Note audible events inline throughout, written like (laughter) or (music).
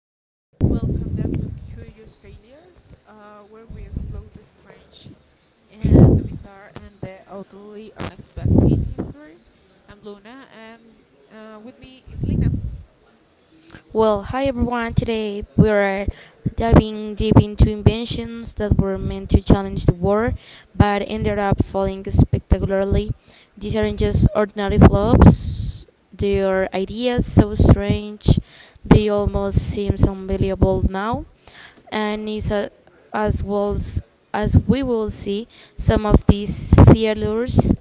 Okay, welcome back to Curious Failures, where we explore the strange and the bizarre and the utterly unexpected in history. I'm Luna, and with me is Lina. Well, hi everyone. Today we are diving deep into inventions that were meant to challenge the world but ended up falling spectacularly. These aren't just ordinary flops, they are ideas so strange they almost seem unbelievable now. And it's a, as well As we will see, some of these failures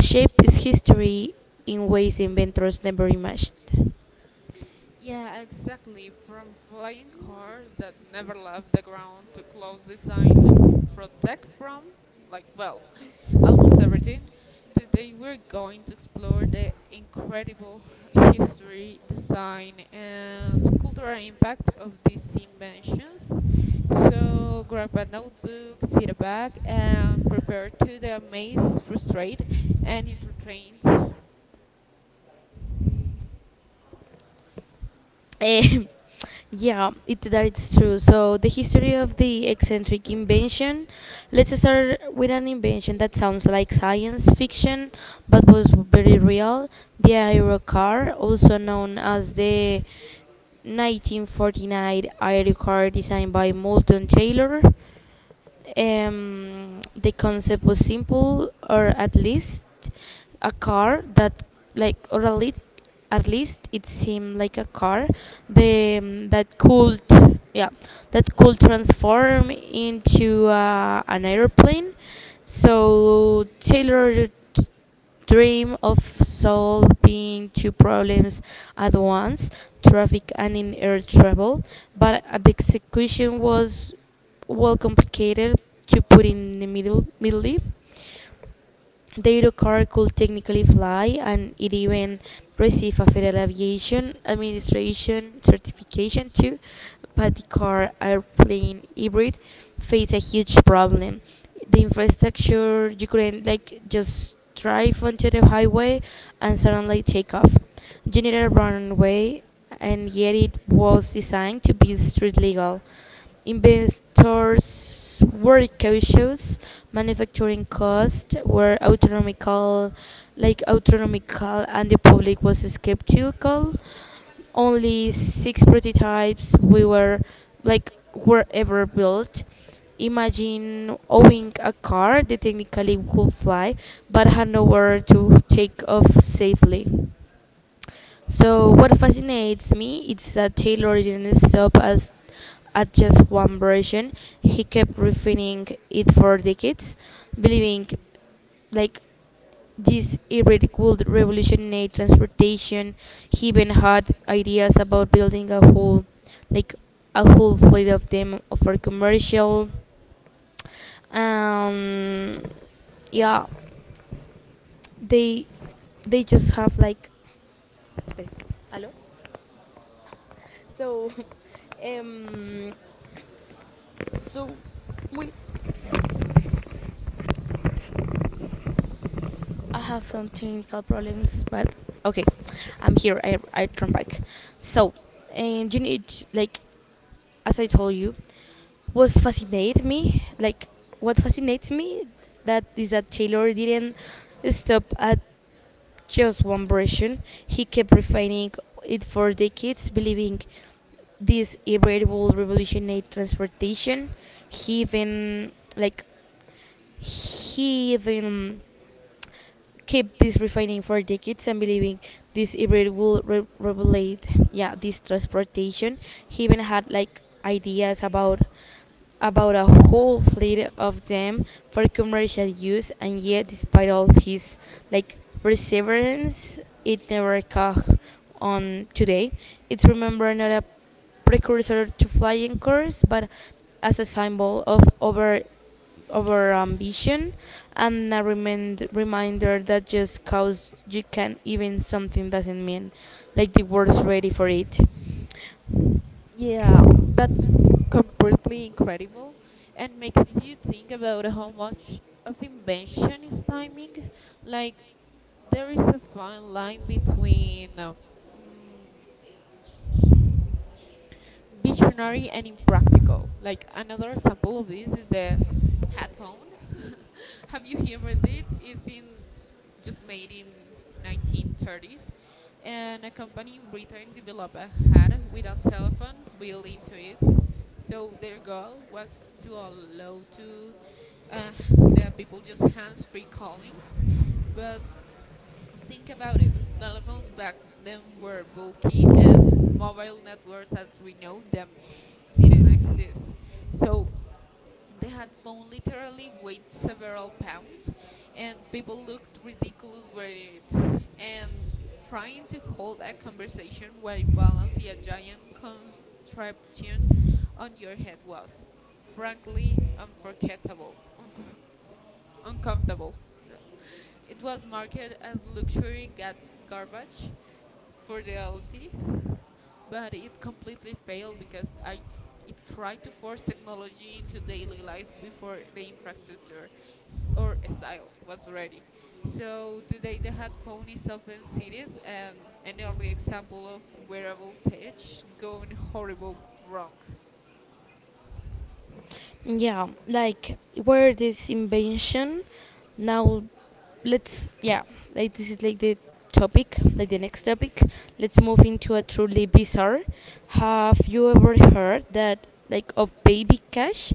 shape history in ways inventors never imagined. Yeah, exactly. From flying cars that never left the ground to clothes designed to protect from, like, well, almost everything. Today we're going to explore the incredible (laughs) history, design, and cultural impact of these inventions. So grab a notebook, sit back, and prepare to the amazed, frustrated, and entertained. Eh, (laughs) yeah, that it's true. So the history of the eccentric invention. Let's start with an invention that sounds like science fiction, but was very real. The aerocar, also known as the 1949 aerocar, designed by Moulton Taylor. The concept was simple, or at least a car that, like, or at least, at least it seemed like a car that could, yeah, that could transform into an airplane. So t- dream of solving two problems at once, traffic and in air travel, but the execution was well complicated to put in the middle. The Eurocar could technically fly and it even received a Federal Aviation Administration certification too, but the car airplane hybrid faced a huge problem. The infrastructure, you couldn't like just drive onto the highway and suddenly take off. You needed a runway and yet it was designed to be street legal. Investors were cautious. Manufacturing costs were autonomical, like autonomical, and the public was skeptical. Only six prototypes we were like were ever built. Imagine owning a car that technically could fly, but had nowhere to take off safely. So, what fascinates me is that Taylor didn't stop as at just one version. He kept refining it for decades, believing like this hybrid would revolutionize transportation. He even had ideas about building a whole, like a whole fleet of them for commercial. Um, yeah, they they just have like. Espera, ¿Aló? So, (laughs) um, so we, I have some technical problems, but okay, I'm here. I turn back. So, you need like, as I told you, what fascinated me, like what fascinates me, that is that Taylor didn't stop at just one version. He kept refining it for decades, believing this hybrid will revolutionize transportation. He even like he even kept this refining for decades and believing this hybrid will revolutionize, yeah, this transportation. He even had like ideas about a whole fleet of them for commercial use, and yet, despite all his like perseverance, it never caught on today. It's remembered not a precursor to flying cars, but as a symbol of over ambition and a reminder that just cause you can even something doesn't mean like the world's ready for it. Yeah, that's completely incredible and makes you think about how much of invention is timing. Like, there is a fine line between mm, visionary and impractical. Like another example of this is the headphone. (laughs) Have you heard it? It's in just made in 1930s, and a company in Britain developed a hat with a telephone built into it. So their goal was to allow to uh, the people just hands-free calling, but think about it. Telephones back then were bulky, and mobile networks as we know them didn't exist. So the headphone literally weighed several pounds, and people looked ridiculous wearing it. And trying to hold a conversation while balancing a giant contraption on your head was, frankly, unforgettable. (laughs) Uncomfortable. It was marketed as luxury garbage for the elite, but it completely failed because I, it tried to force technology into daily life before the infrastructure or style was ready. So today the headphone is often serious and an early example of wearable tech going horrible wrong. Yeah, like where this invention now, let's yeah, like this is like the topic, like the next topic. Let's move into a truly bizarre. Have you ever heard that like of baby cash?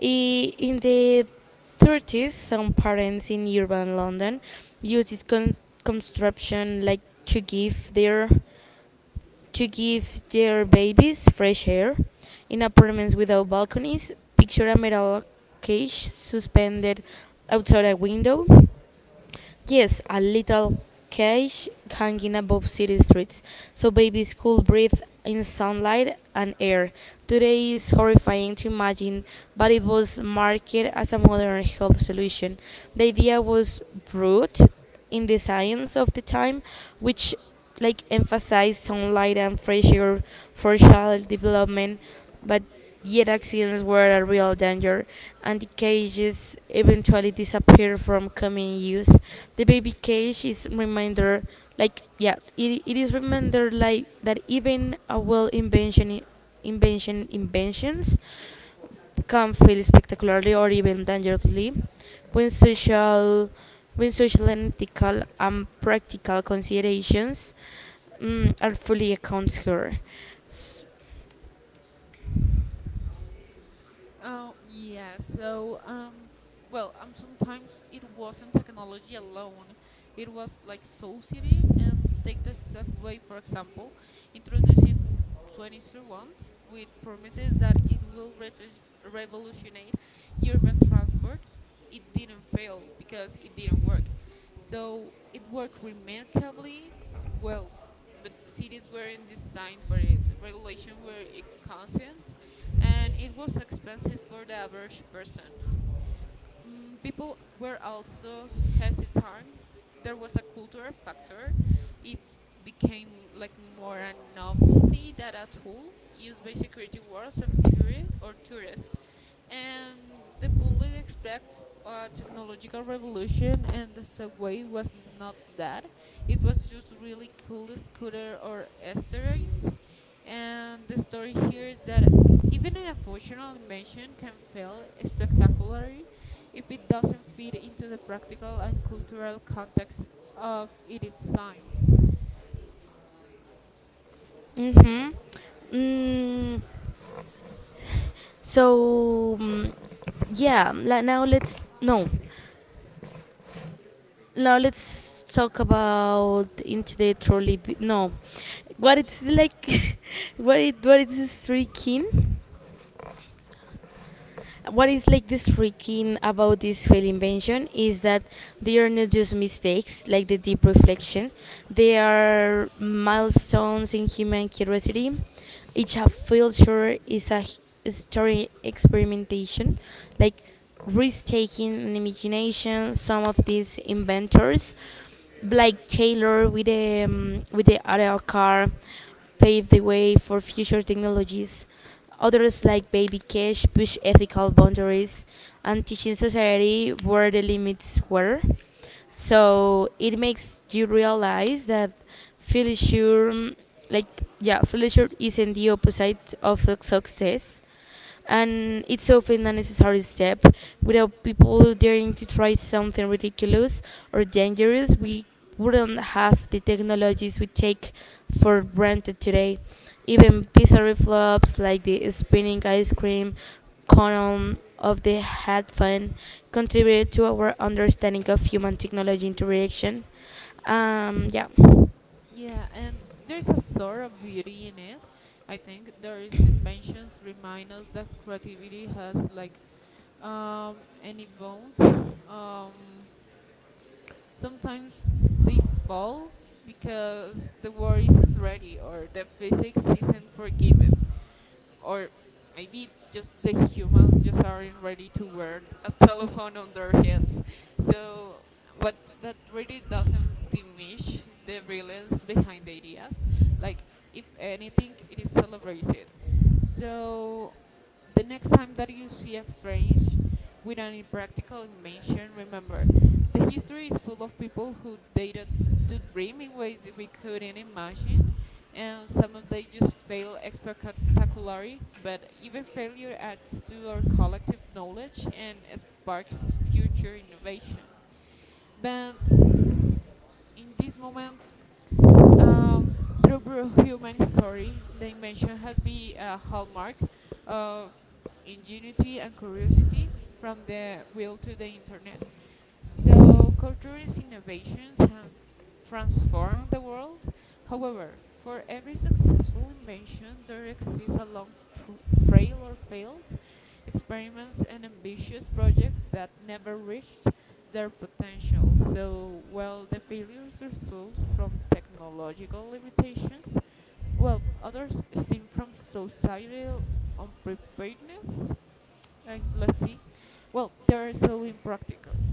In the 30s, some parents in urban London used this contraption like to give their to give their babies fresh air. In apartments without balconies, picture a metal cage suspended outside a window. Yes, a little cage hanging above city streets, so babies could breathe in sunlight and air. Today is horrifying to imagine, but it was marketed as a modern health solution. The idea was brute in the science of the time, which like emphasized sunlight and fresh air for child development, but yet accidents were a real danger, and the cages eventually disappeared from common use. The baby cage is reminder, like yeah, it is reminder like that even a well inventions can fail spectacularly or even dangerously when social and ethical and practical considerations, are fully accounts here. Um, yeah, so, um, Sometimes it wasn't technology alone. It was like society and take the subway, for example, introducing 2031 with promises that it will revolutionize urban transport. It didn't fail because it didn't work. So it worked remarkably well, but cities weren't designed for it. Regulations were inconsistent, and it was expensive for the average person. People were also hesitant. There was a cultural factor. It became like more a novelty than a tool used by security guards of tourists or tourists. And the public expect a technological revolution, and the subway was not that. It was just really cool scooter or asteroids. And the story here is that even an emotional invention can fail spectacularly if it doesn't fit into the practical and cultural context of its time. Mm-hmm. Mm, so mm, yeah, la- now let's no. Now let's talk about into the trolley. No, what it's like, (laughs) what it is streaking. What is like this freaking about this fail invention is that they are not just mistakes like the deep reflection, they are milestones in human curiosity. Each failure is a story experimentation, like risk-taking and imagination. Some of these inventors like Taylor with the auto car paved the way for future technologies. Others, like Baby Cash, push ethical boundaries and teaching society where the limits were. So it makes you realize that failure, failure isn't the opposite of success and it's often a necessary step. Without people daring to try something ridiculous or dangerous, we wouldn't have the technologies we take for granted today. Even bizarre flops like the spinning ice cream cone of the hat fan contributed to our understanding of human technology interaction. Um, yeah. Yeah, and there's a sort of beauty in it. I think those inventions remind us that creativity has like any bounds. Um, Sometimes they fall because the war isn't ready or the physics isn't forgiving or maybe just the humans just aren't ready to wear a telephone on their heads. So, but that really doesn't diminish the brilliance behind the ideas. Like, if anything, it is celebrated. So, the next time that you see a strange with an impractical invention, remember, the history is full of people who dated to dream in ways that we couldn't imagine, and some of they just fail spectacularly, but even failure adds to our collective knowledge and sparks future innovation. But in this moment, um, through human story, the invention has been a hallmark of ingenuity and curiosity, from the wheel to the internet. So, Couture's innovations have transformed the world. However, for every successful invention, there exists a long trail of failed experiments and ambitious projects that never reached their potential. So, while the failures result from technological limitations, well, others stem from societal unpreparedness let's see. Well, they're so impractical,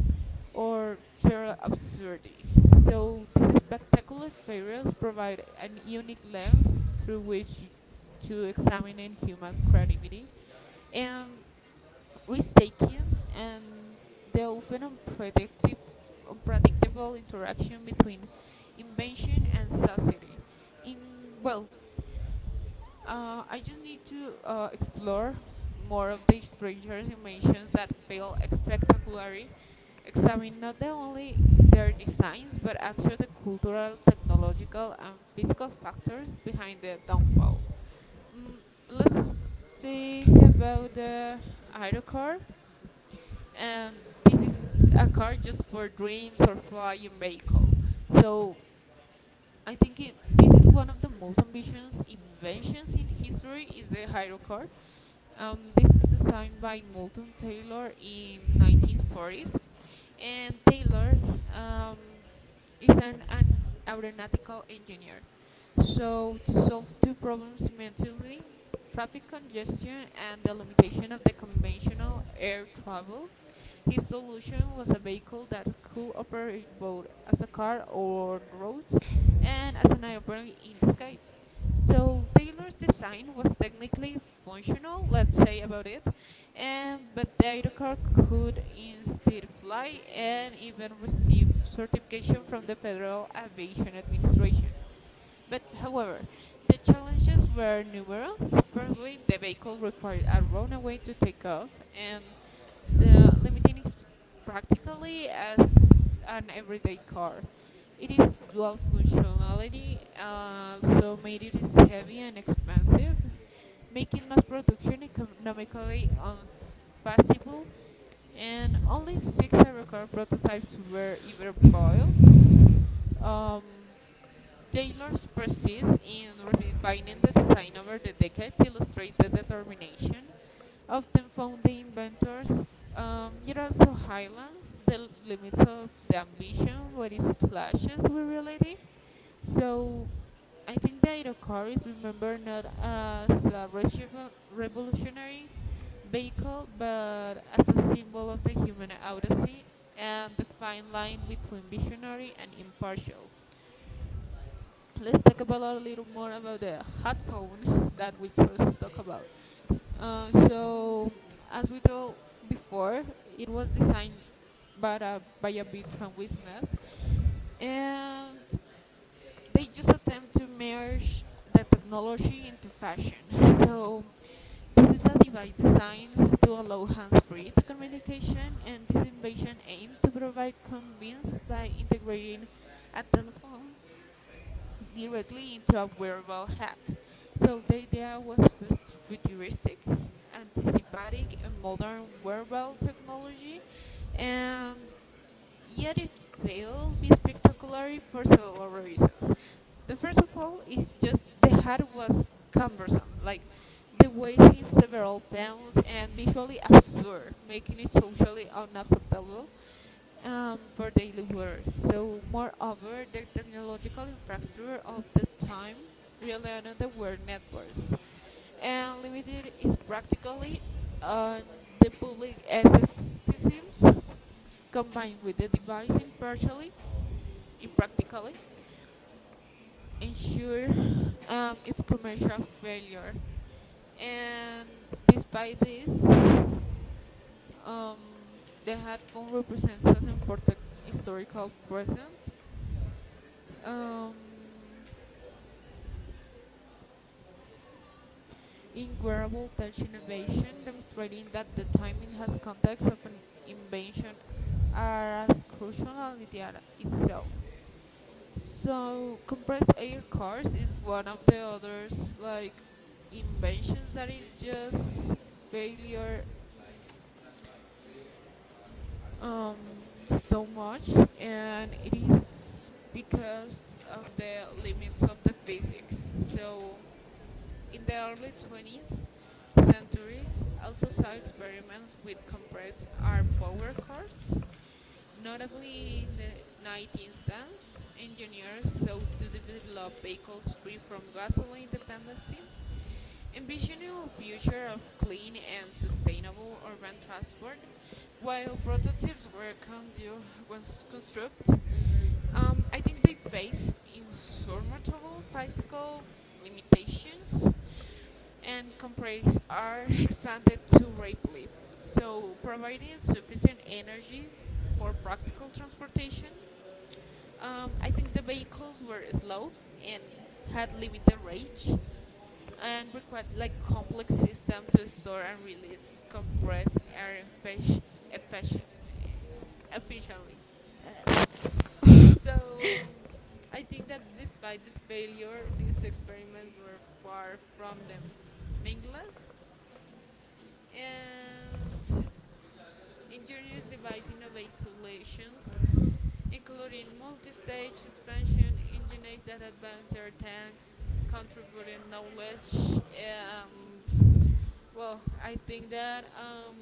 or sheer absurdity. So these spectacular failures provide an unique lens through which to examine human creativity and risk-taking and the often unpredictable interaction between invention and society. In well, I just need to explore more of the stranger's inventions that fail spectacularly, examine not the only their designs but actually the cultural, technological, and physical factors behind their downfall. Mm, let's think about the Ido and this is a car just for dreams or flying vehicle. So I think it, this is one of the most ambitious inventions in history is the hydrocard. This is designed by Moulton Taylor in 1940s, and Taylor um, is an aeronautical engineer. So, to solve two problems simultaneously traffic congestion and the limitation of the conventional air travel, his solution was a vehicle that could operate both as a car on roads and as an airplane in the sky. So Taylor's design was technically functional, let's say about it, and but the aerocar could instead fly and even receive certification from the Federal Aviation Administration. But however, the challenges were numerous. Firstly, the vehicle required a runway to take off, and the limiting is practically as an everyday car. It is dual functionality, so made it is heavy and expensive, making mass production economically unfeasible, and only six Aerocar prototypes were ever built. Um, Taylor's persist in refining the design over the decades illustrates the determination often found the inventors. It also highlights the limits of the ambition, what is clashes with reality. So I think the Iroquois is remembered not as a revolutionary vehicle, but as a symbol of the human odyssey and the fine line between visionary and impartial. Let's talk about a little more about the hot phone (laughs) that we just talked about. So, as we told before, it was designed by by a Bitcoin business, and they just attempt to merge the technology into fashion. So this is a device designed to allow hands-free communication, and this invention aimed to provide convenience by integrating a telephone directly into a wearable hat. So the idea was futuristic, anticipatic, and modern wearable technology, and yet it failed be spectacular for several reasons. The first of all is just the hat was cumbersome, like the weighing several pounds and visually absurd, making it socially unacceptable for daily wear. So, moreover, the technological infrastructure of the time relied on the word networks and limited is practically on the public access systems combined with the device impartially, impractically, ensure its commercial failure. And despite this, the headphone represents an important historical present. Um, in wearable touch innovation, demonstrating that the timing has context of an invention are as crucial as the data itself. So compressed air cars is one of the others like inventions that is just failure um, so much, and it is because of the limits of the physics. So, in the early 20th centuries, also saw experiments with compressed air power cores. Notably, in the 19th instance, engineers sought to develop vehicles free from gasoline dependency envisioning a future of clean and sustainable urban transport. While prototypes were was construct, I think they face insurmountable physical limitations and companies are (laughs) expanded too rapidly. So, providing sufficient energy for practical transportation I think the vehicles were slow and had limited range and required like complex system to store and release compressed air efficient- efficiently. So I think that despite the failure, these experiments were far from them meaningless and ingenious device innovative solutions, including multi-stage expansion engines that advance our tanks, contributing knowledge, and well, I think that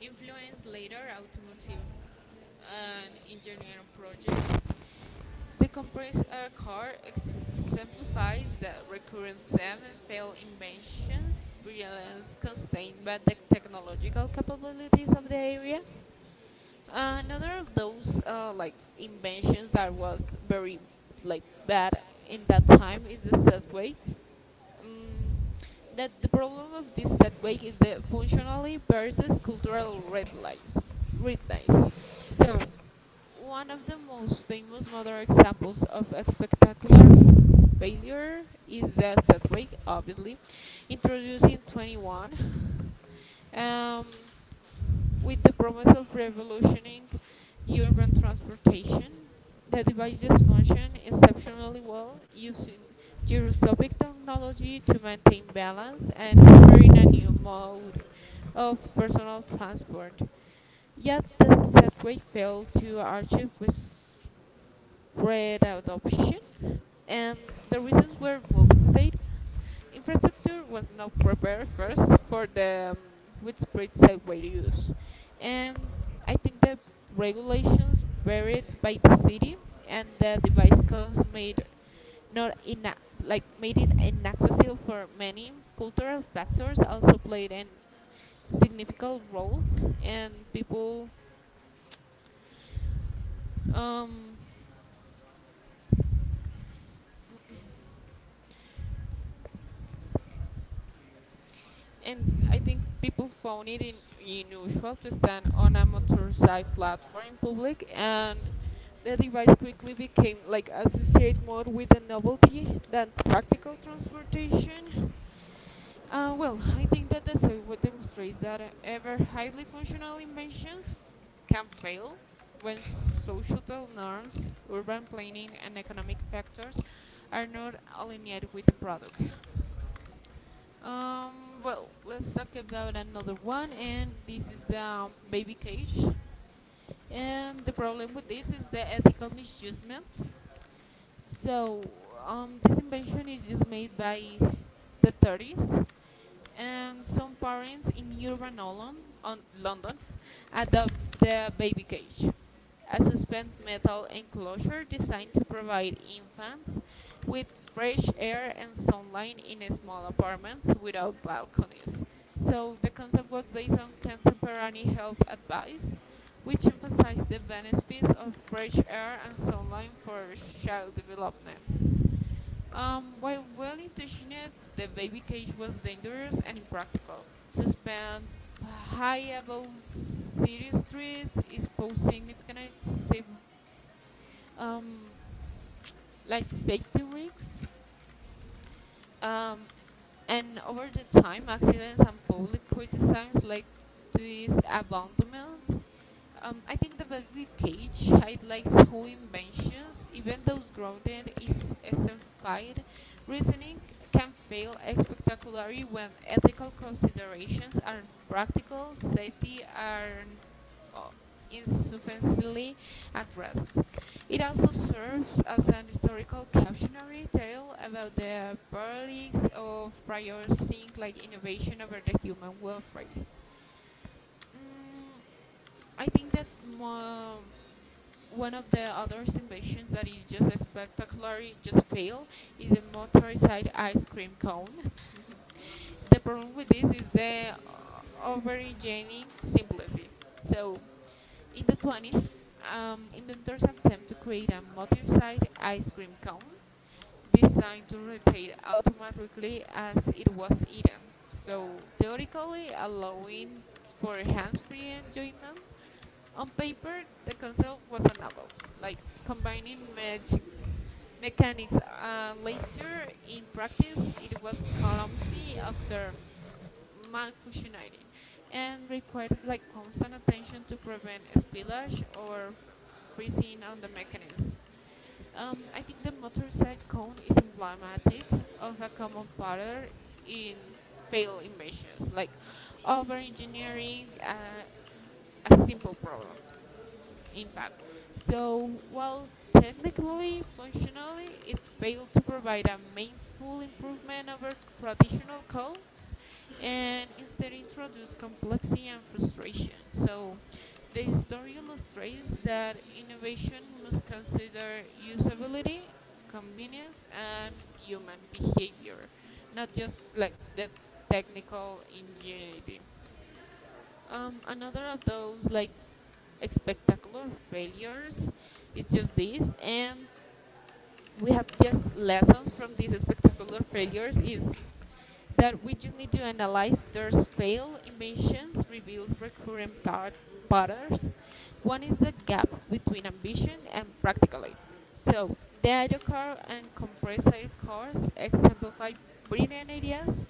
influence later automotive and engineering projects. The compressed air core exemplifies the recurrent theme in failed inventions, brilliance constrained by the technological capabilities of the area. Another of those like inventions that was very like bad in that time is the subway. Um, that the problem of this subway is the functionally versus cultural red light. Red lines. So one of the most famous modern examples of a spectacular failure is the setback, obviously, introduced in 21 um, with the promise of revolutioning urban transportation. The devices function exceptionally well using gyroscopic technology to maintain balance and offering a new mode of personal transport. Yet this set great sail to our with red adoption, and the reasons were multifaceted. Infrastructure was not prepared first for the widespread subway use, and I think that regulations varied by the city, and the device codes made not like made it inaccessible for many cultural factors also played an significant role and people um and I think people found it in, unusual to stand on a motorcycle platform in public, and the device quickly became like associated more with the novelty than practical transportation. Well, I think that the sidewalk demonstrates that ever highly functional inventions can fail when social norms, urban planning, and economic factors are not aligned with the product. Well, let's talk about another one, and this is the baby cage. And the problem with this is the ethical misusement. So, this invention is just made by the 30s, and some parents in urban London, on London adopt the baby cage a suspended metal enclosure designed to provide infants with fresh air and sunlight in small apartments without balconies. So the concept was based on contemporary health advice, which emphasized the benefits of fresh air and sunlight for child development. While well intentioned, the baby cage was dangerous and impractical. Suspend high above city streets is posed significant safe, um, like safety risks. Um, and over the time, accidents and public criticisms led to his abandonment. I think the baby cage highlights how inventions, even those grounded in simplified reasoning, can fail spectacularly when ethical considerations are practical, safety are uh, insufficiently addressed. It also serves as an historical cautionary tale about the paralysis of prioritizing like innovation over the human welfare. Mm, I think that mo- one of the other inventions that is just spectacularly just fail is the motorized ice cream cone. (laughs) The problem with this is the over simplicity. So, in the 20s, inventors attempt to create a motorized ice cream cone designed to rotate automatically as it was eaten. So, theoretically allowing for hands-free enjoyment, on paper, the concept was a novel, like combining magic mechanics and leisure. In practice, it was clumsy after malfunctioning and required like constant attention to prevent spillage or freezing on the mechanism. I think the motorcycle cone is emblematic of a common pattern in failed inventions, like over engineering a simple problem in fact. So, while technically functionally it failed to provide a meaningful improvement over traditional calls and instead introduced complexity and frustration. So, the story illustrates that innovation must consider usability, convenience, and human behavior, not just like the technical ingenuity. Another of those like spectacular failures is just this, and we have just lessons from these spectacular failures is that we just need to analyze there's fail inventions reveals recurrent patterns. One is the gap between ambition and practically, so the idle car and compressed idle cars exemplify brilliant ideas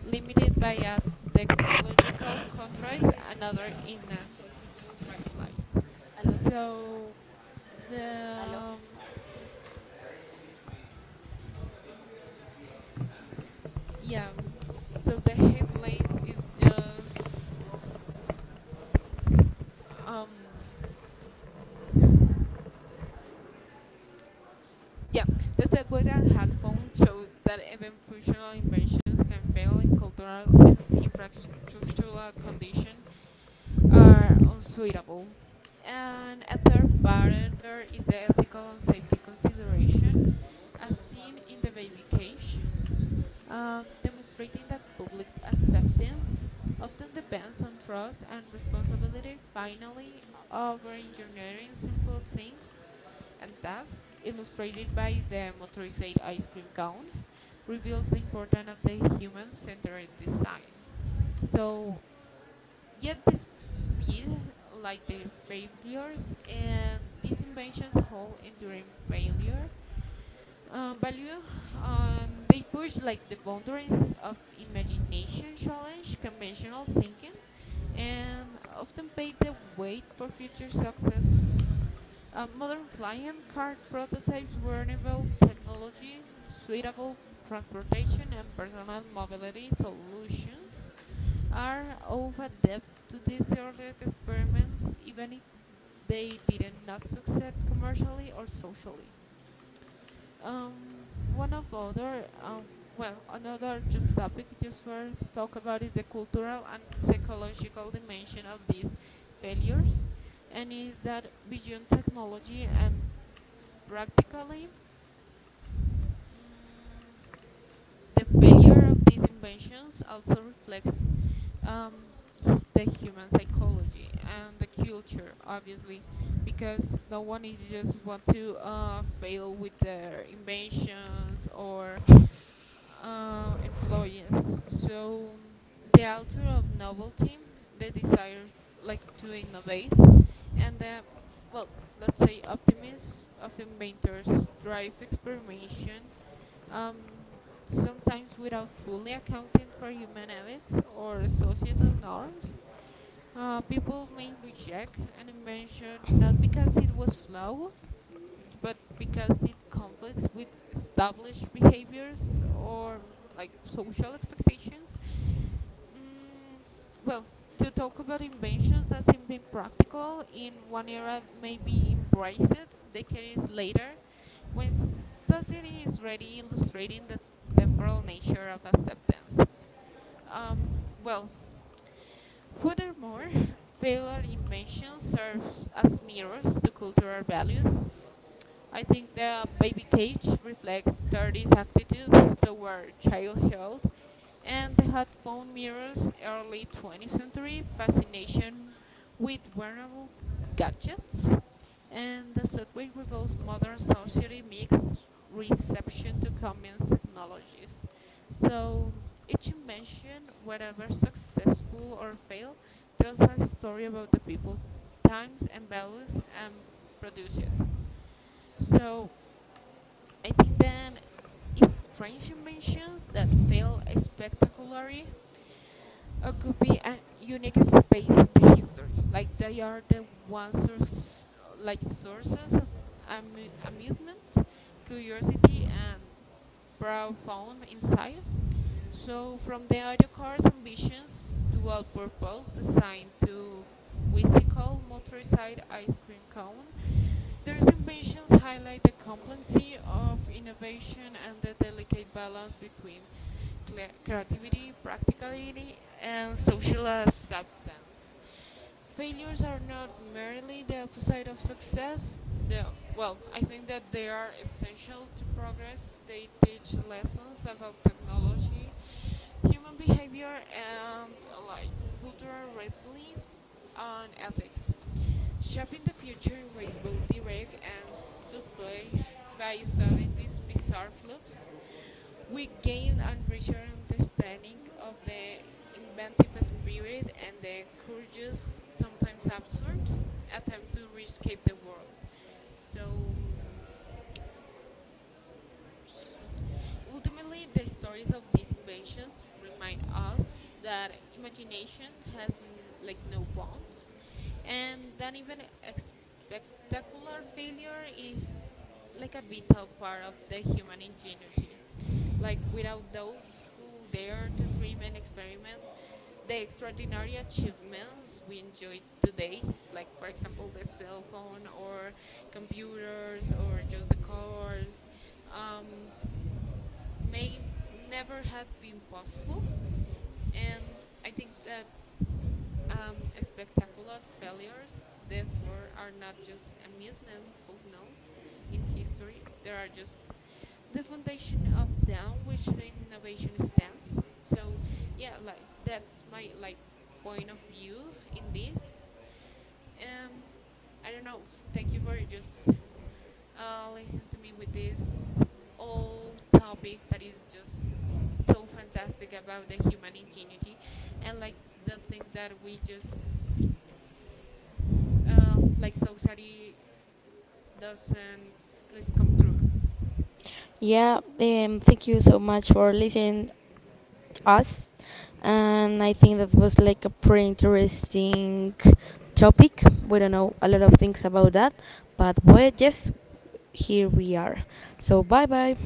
limited by a technological constraints, another in a societal right lies. So the yeah. So the headlines is just um yeah, the setback and headphones showed that even functional inventions can fail in cultural and infrastructural condition are unsuitable. And a third barrier is the ethical and safety consideration, as seen in the baby cage. Demonstrating that public acceptance often depends on trust and responsibility, finally, over engineering simple things and tasks, illustrated by the motorized ice cream cone, reveals the importance of the human centered design. So, yet the like their failures, and these inventions hold enduring failure value and they push like the boundaries of imagination challenge conventional thinking and often pave the way for future successes. Modern flying car prototypes were enabled technology suitable transportation and personal mobility solutions are of adept to these early experiments even if they did not succeed commercially or socially. Um, one of other, well, Another just topic just for to talk about is the cultural and psychological dimension of these failures, and is that beyond technology and practically. Mm, the failure of these inventions also reflects um, the human psychology and the culture, obviously, because no one is just want to fail with their inventions or employees. So the author of novelty, the desire like to innovate, and the well, let's say optimists of inventors drive experimentation, um, sometimes without fully accounting for human habits or societal norms. People may reject an invention not because it was flawed, but because it conflicts with established behaviors or like social expectations. Mm, well, to talk about inventions that seem been practical in one era may be embraced decades later when society is ready illustrating the temporal nature of acceptance. Um, well, furthermore, failed inventions serve as mirrors to cultural values. I think the baby cage reflects 30s attitudes toward child health, and the hot phone mirrors early 20th century fascination with wearable gadgets. And the subway reveals modern society mixed reception to commons technologies. So each invention, whether successful or fail, tells a story about the people, times, and values, and produce it. So I think then it's strange inventions that fail spectacularly occupy a unique space in the history. Like they are the ones source, like sources of amusement, curiosity, and pro found inside. So, from the audio car's ambitions, dual purpose designed to whimsical motorized ice cream cone, their inventions highlight the complexity of innovation and the delicate balance between creativity, practicality, and social acceptance. Failures are not merely the opposite of success. The, I think that they are essential to progress. They teach lessons about technology, human behavior, and like cultural realities and ethics, shaping the future in ways both direct and subtle by studying these bizarre loops. We gain a richer understanding of the inventive spirit and the courageous, sometimes absurd, attempt to reshape the world. So. mm, Ultimately, the stories of these inventions remind us that imagination has like no bounds, and that even a spectacular failure is like a vital part of the human ingenuity. Like without those who dare to dream and experiment, the extraordinary achievements we enjoy today, like for example the cell phone or computers or just the cars, um, may never have been possible. And I think that spectacular failures, therefore, are not just amusement footnotes in history, they are just the foundation upon which the innovation stands. So, yeah, like that's my like point of view in this. Um, I don't know. Thank you for just listen to me with this whole topic that is just so fantastic about the human ingenuity and like the things that we just like society doesn't let's come true. Yeah, thank you so much for listening us. And I think that was like a pretty interesting topic. We don't know a lot of things about that, but well, yes, here we are. So bye bye.